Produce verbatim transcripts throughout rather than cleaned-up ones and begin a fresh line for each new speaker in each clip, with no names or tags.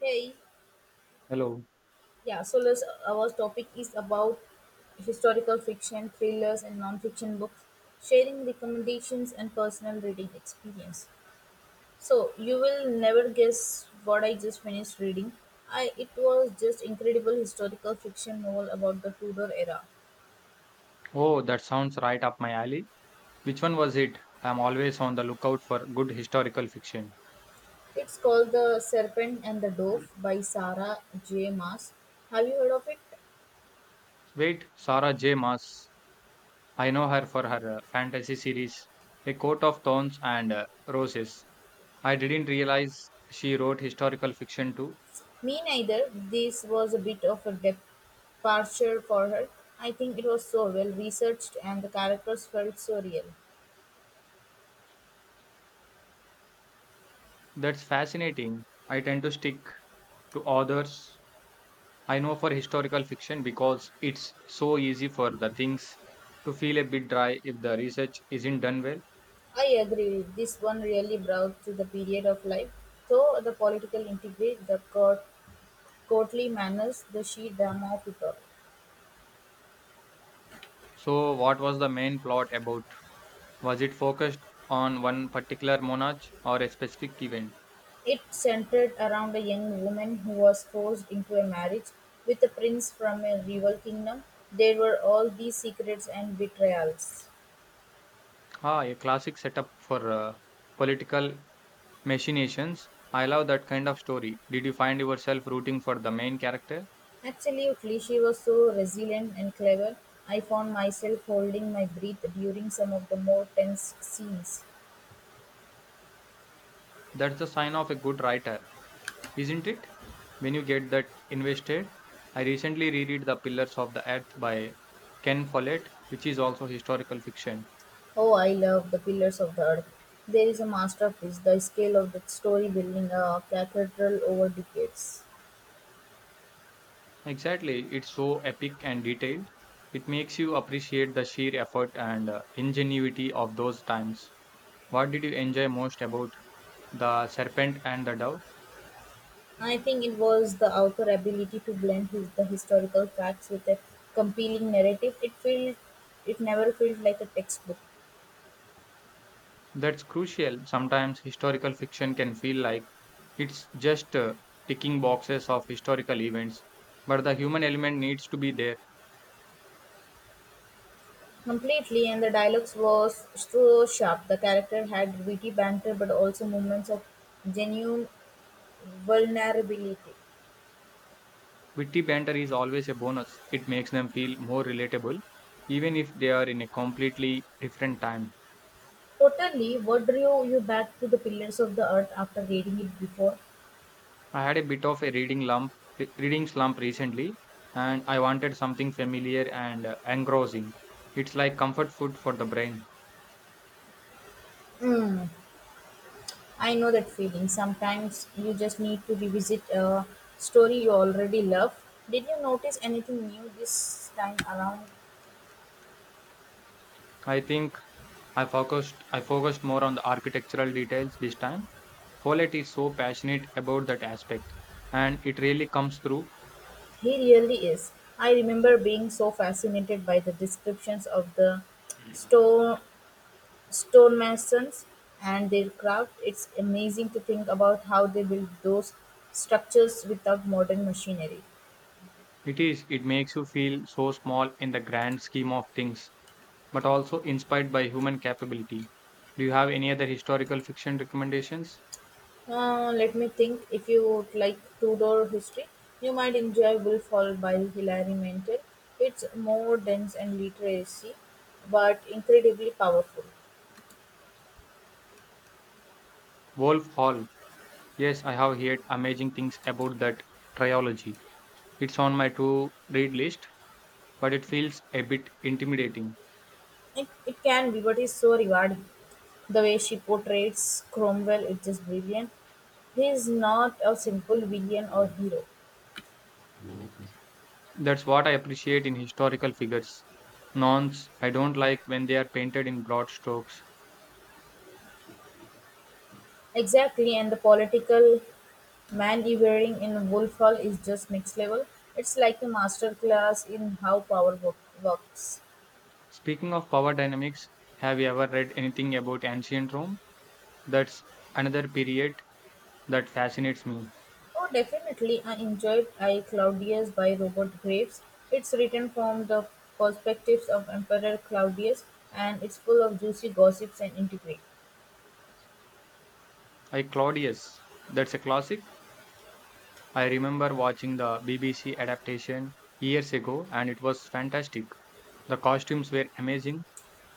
Hey,
Hello.
yeah. So let's, our topic is about historical fiction, thrillers, and non-fiction books, sharing recommendations and personal reading experience. So you will never guess what I just finished reading. I It was just incredible historical fiction novel about the Tudor era.
Oh, that sounds right up my alley. Which one was it? I'm always on the lookout for good historical fiction.
It's called The Serpent and the Dove by Sarah J. Maas. Have you heard of it?
Wait, Sarah J. Maas. I know her for her uh, fantasy series, A Court of Thorns and uh, Roses. I didn't realize she wrote historical fiction too.
Me neither. This was a bit of a departure for her. I think it was so well researched and the characters felt so real.
That's fascinating. I tend to stick to authors I know for historical fiction because it's so easy for the things to feel a bit dry if the research isn't done well.
I agree. This one really brought to the period of life. So the political intrigue, the court, courtly manners, the sheer drama of it all.
So, what was the main plot about? Was it focused on one particular monarch or a specific event?
It centered around a young woman who was forced into a marriage with a prince from a rival kingdom. There were all these secrets and betrayals.
Ah, a classic setup for uh, political machinations. I love that kind of story. Did you find yourself rooting for the main character?
Absolutely, she was so resilient and clever. I found myself holding my breath during some of the more tense scenes.
That's the sign of a good writer, isn't it? When you get that invested. I recently reread The Pillars of the Earth by Ken Follett, which is also historical fiction.
Oh, I love the pillars of the earth. There is a masterpiece, the scale of the story building a cathedral over decades.
Exactly, it's so epic and detailed. It makes you appreciate the sheer effort and uh, ingenuity of those times. What did you enjoy most about The Serpent and the Dove?
I think it was the author's ability to blend his, the historical facts with a compelling narrative. It felt, it never felt like a textbook.
That's crucial. Sometimes historical fiction can feel like it's just uh, ticking boxes of historical events, but the human element needs to be there.
Completely, and the dialogues was so sharp. The character had witty banter but also moments of genuine vulnerability.
Witty banter is always a bonus. It makes them feel more relatable, even if they are in a completely different time.
Totally, what drew you back to the pillars of the earth after reading it before?
I had a bit of a reading lump, re- reading slump recently, and I wanted something familiar and uh, engrossing. It's like comfort food for the brain.
Mm, I know that feeling. Sometimes you just need to revisit a story you already love. Did you notice anything new this time around?
I think I focused I focused more on the architectural details this time. Follett is so passionate about that aspect and it really comes through.
He really is. I remember being so fascinated by the descriptions of the stone stonemasons and their craft. It's amazing to think about how they built those structures without modern machinery.
It is it makes you feel so small in the grand scheme of things but also inspired by human capability. Do you have any other historical fiction recommendations?
Uh, let me think. If you would like Tudor history, you might enjoy Will Fall by Hilary Mantel. It's more dense and literacy, but incredibly powerful.
Wolf Hall. Yes, I have heard amazing things about that trilogy. It's on my to read list but it feels a bit intimidating.
It, it can be, but it's so rewarding. The way she portrays Cromwell is just brilliant. He is not a simple villain or hero.
That's what I appreciate in historical figures. Nonce, I don't like when they are painted in broad strokes.
Exactly, and the political maneuvering in Wolf Hall is just next level. It's like a master class in how power wo- works.
Speaking of power dynamics, have you ever read anything about ancient Rome? That's another period that fascinates me.
Oh, definitely, I enjoyed I Claudius by Robert Graves. It's written from the perspectives of Emperor Claudius, and it's full of juicy gossips and intrigue.
I Claudius, that's a classic. I remember watching the B B C adaptation years ago and it was fantastic. The costumes were amazing.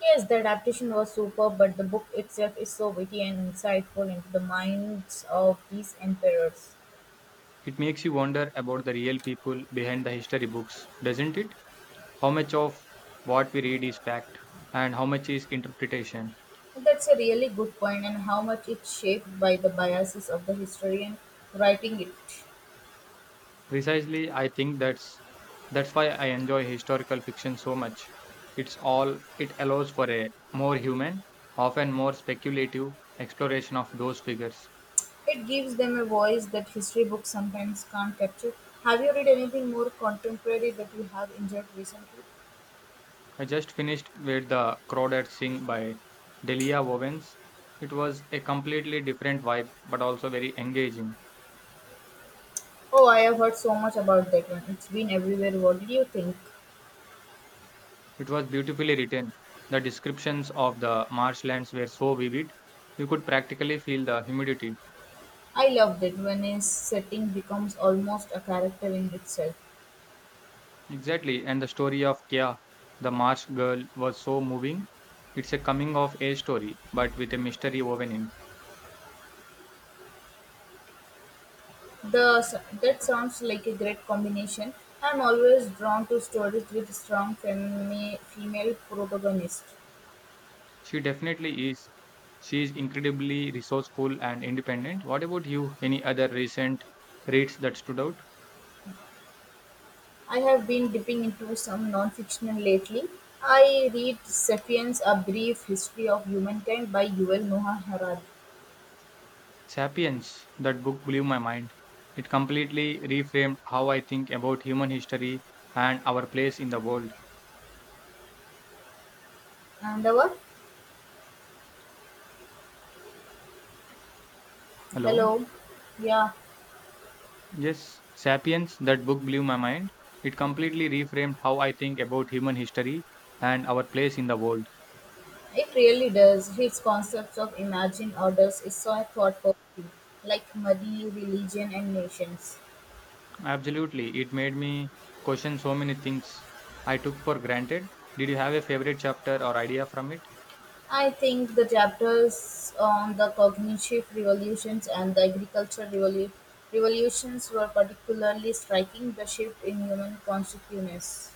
Yes, the adaptation was superb, but the book itself is so witty and insightful into the minds of these emperors.
It makes you wonder about the real people behind the history books, doesn't it? How much of what we read is fact and how much is interpretation?
That's a really good point, and how much it's shaped by the biases of the historian writing it.
Precisely, I think that's that's why I enjoy historical fiction so much. It's all it allows for a more human, often more speculative exploration of those figures.
It gives them a voice that history books sometimes can't capture. Have you read anything more contemporary that you have enjoyed recently?
I just finished with The Crawdad Sing by Delia Owens. It was a completely different vibe, but also very engaging.
Oh, I have heard so much about that one. It's been everywhere. What did you think?
It was beautifully written. The descriptions of the marshlands were so vivid, you could practically feel the humidity.
I loved it when a setting becomes almost a character in itself.
Exactly, and the story of Kia, the marsh girl, was so moving. It's a coming of age story, but with a mystery woven in.
The That sounds like a great combination. I'm always drawn to stories with strong femi- female protagonists.
She definitely is. She is incredibly resourceful and independent. What about you? Any other recent reads that stood out?
I have been dipping into some nonfiction lately. I read *Sapiens: A Brief History of Humankind* by Yuval Noah Harari.
Sapiens, that book blew my mind. It completely reframed how I think about human history and our place in the world.
And our
Hello.
hello, yeah,
Yes, Sapiens, that book blew my mind. It completely reframed how I think about human history and our place in the world.
it really does. His concepts of imagined orders is so thought-provoking, like money, religion, and nations.
Absolutely. It made me question so many things I took for granted. Did you have a favorite chapter or idea from it?
I think the chapters on the cognitive revolutions and the agricultural revolu- revolutions were particularly striking. The shift in human consciousness.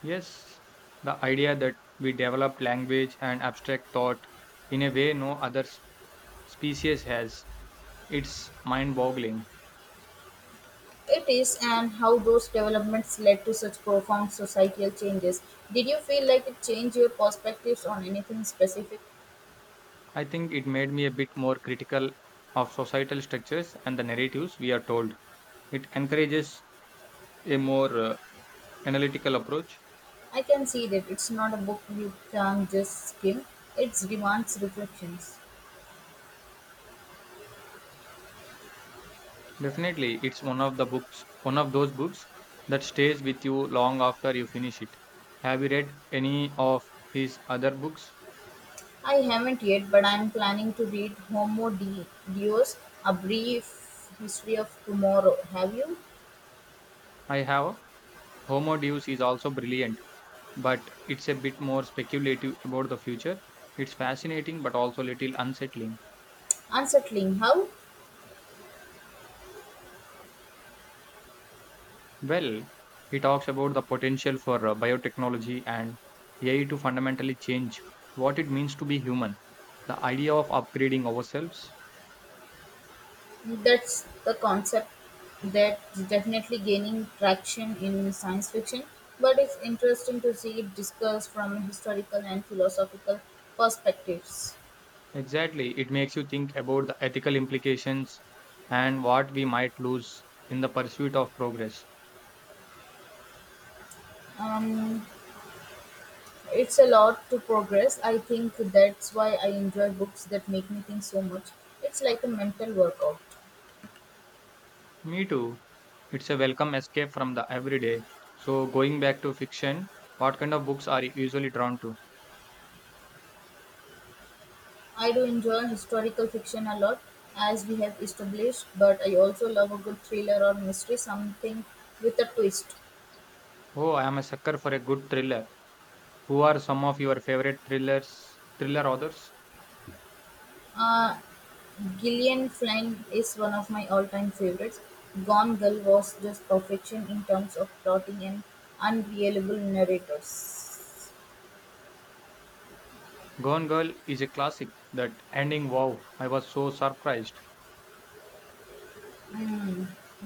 Yes, the idea that we developed language and abstract thought in a way no other s- species has. It's mind boggling.
It is, and how those developments led to such profound societal changes. Did you feel like it changed your perspectives on anything specific?
I think it made me a bit more critical of societal structures and the narratives we are told. It encourages a more uh, analytical approach.
I can see that it's not a book you can just skim, it demands reflections.
Definitely, it's one of the books, one of those books that stays with you long after you finish it. Have you read any of his other books?
I haven't yet, but I'm planning to read Homo De- Deus, A Brief History of Tomorrow. Have you?
I have. Homo Deus is also brilliant, but it's a bit more speculative about the future. It's fascinating but also a little unsettling.
Unsettling. How?
Well, he talks about the potential for uh, biotechnology and A I to fundamentally change what it means to be human. The idea of upgrading ourselves.
That's the concept that's definitely gaining traction in science fiction, but it's interesting to see it discussed from historical and philosophical perspectives.
Exactly, it makes you think about the ethical implications and what we might lose in the pursuit of progress.
Um, it's a lot to progress. I think that's why I enjoy books that make me think so much. It's like a mental workout.
Me too. It's a welcome escape from the everyday. So, going back to fiction, what kind of books are you usually drawn to?
I do enjoy historical fiction a lot, as we have established, but I also love a good thriller or mystery, something with a twist.
Oh, I am a sucker for a good thriller. Who are some of your favorite thrillers, thriller authors?
Uh, Gillian Flynn is one of my all-time favorites. "Gone Girl" was just perfection in terms of plotting and unreliable narrators.
Gone Girl is a classic. That ending, wow, I was so surprised.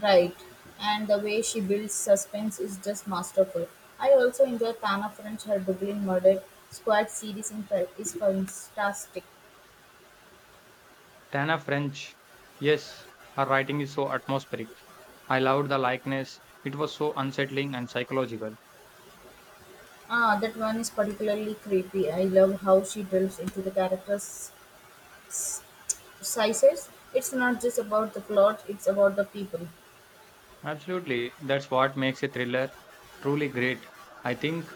Right. And the way she builds suspense is just masterful. I also enjoy Tana French, her Dublin Murder Squad series in fa- is fantastic.
Tana French, yes, her writing is so atmospheric. I loved the likeness. It was so unsettling and psychological.
Ah, that one is particularly creepy. I love how she delves into the characters' s- sizes. It's not just about the plot, it's about the people.
Absolutely, that's what makes a thriller truly great. I think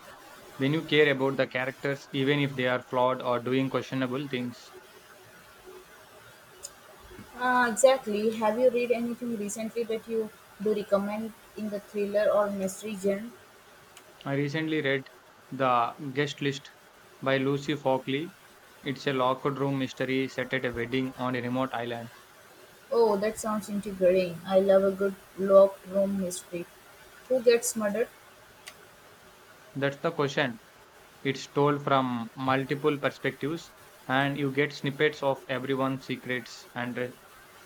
when you care about the characters, even if they are flawed or doing questionable things.
Uh, exactly. Have you read anything recently that you do recommend in the thriller or mystery genre?
I recently read The Guest List by Lucy Fockley. It's a locked room mystery set at a wedding on a remote island.
Oh, that sounds intriguing. I love a good locked room mystery. Who gets murdered?
That's the question. It's told from multiple perspectives, and you get snippets of everyone's secrets and re-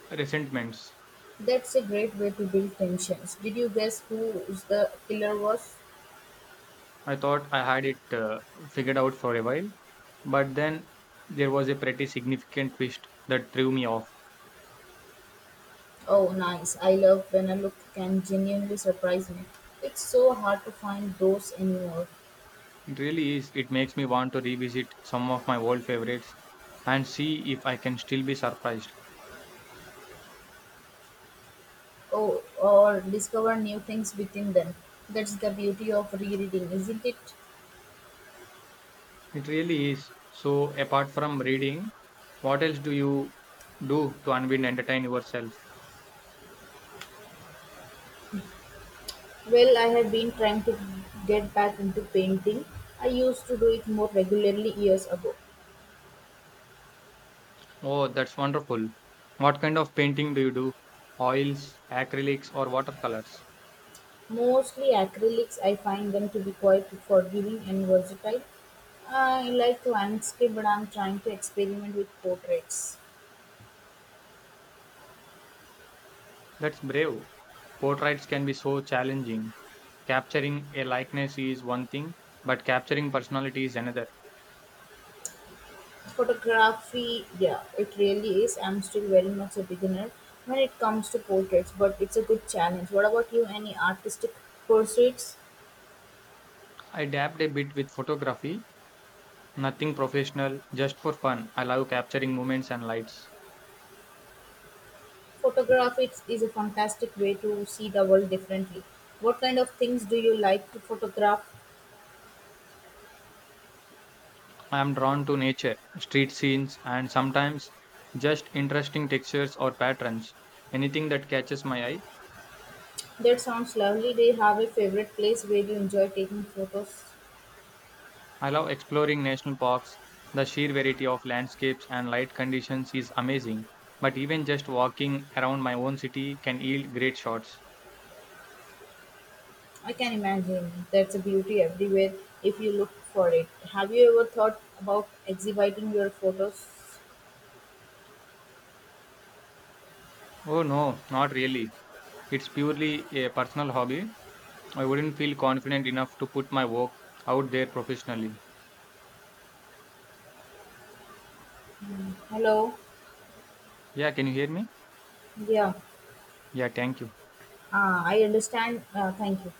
resentments.
That's a great way to build tensions. Did you guess who the killer was?
I thought I had it uh, figured out for a while, but then there was a pretty significant twist that threw me off.
Oh, nice. I love when a look can genuinely surprise me. It's so hard to find those anymore.
It really is. It makes me want to revisit some of my old favorites and see if I can still be surprised.
Oh, or discover new things within them. That's the beauty of rereading, isn't it?
It really is. So, apart from reading, what else do you do to unwind and entertain yourself?
Well, I have been trying to get back into painting. I used to do it more regularly years ago.
Oh, that's wonderful. What kind of painting do you do? Oils, acrylics, or watercolors?
Mostly acrylics, I find them to be quite forgiving and versatile. I like landscape, but I'm trying to experiment with portraits.
That's brave. Portraits can be so challenging. Capturing a likeness is one thing, but capturing personality is another.
Photography, yeah, it really is. I'm still very much a beginner when it comes to portraits, but it's a good challenge. What about you? Any artistic pursuits?
I dabbed a bit with photography, nothing professional, just for fun. I love capturing moments and lights.
Photographics is a fantastic way to see the world differently. What kind of things do you like to photograph?
I am drawn to nature, street scenes, and sometimes just interesting textures or patterns. Anything that catches my eye.
That sounds lovely. Do you have a favorite place where you enjoy taking photos?
I love exploring national parks. The sheer variety of landscapes and light conditions is amazing. But even just walking around my own city can yield great shots.
I can imagine. That's a beauty everywhere if you look for it. Have you ever thought about exhibiting your photos?
Oh no, not really. It's purely a personal hobby. I wouldn't feel confident enough to put my work out there professionally.
Hello.
Yeah, can you hear me?
Yeah.
Yeah, thank you.
Ah, I understand. Uh, thank you.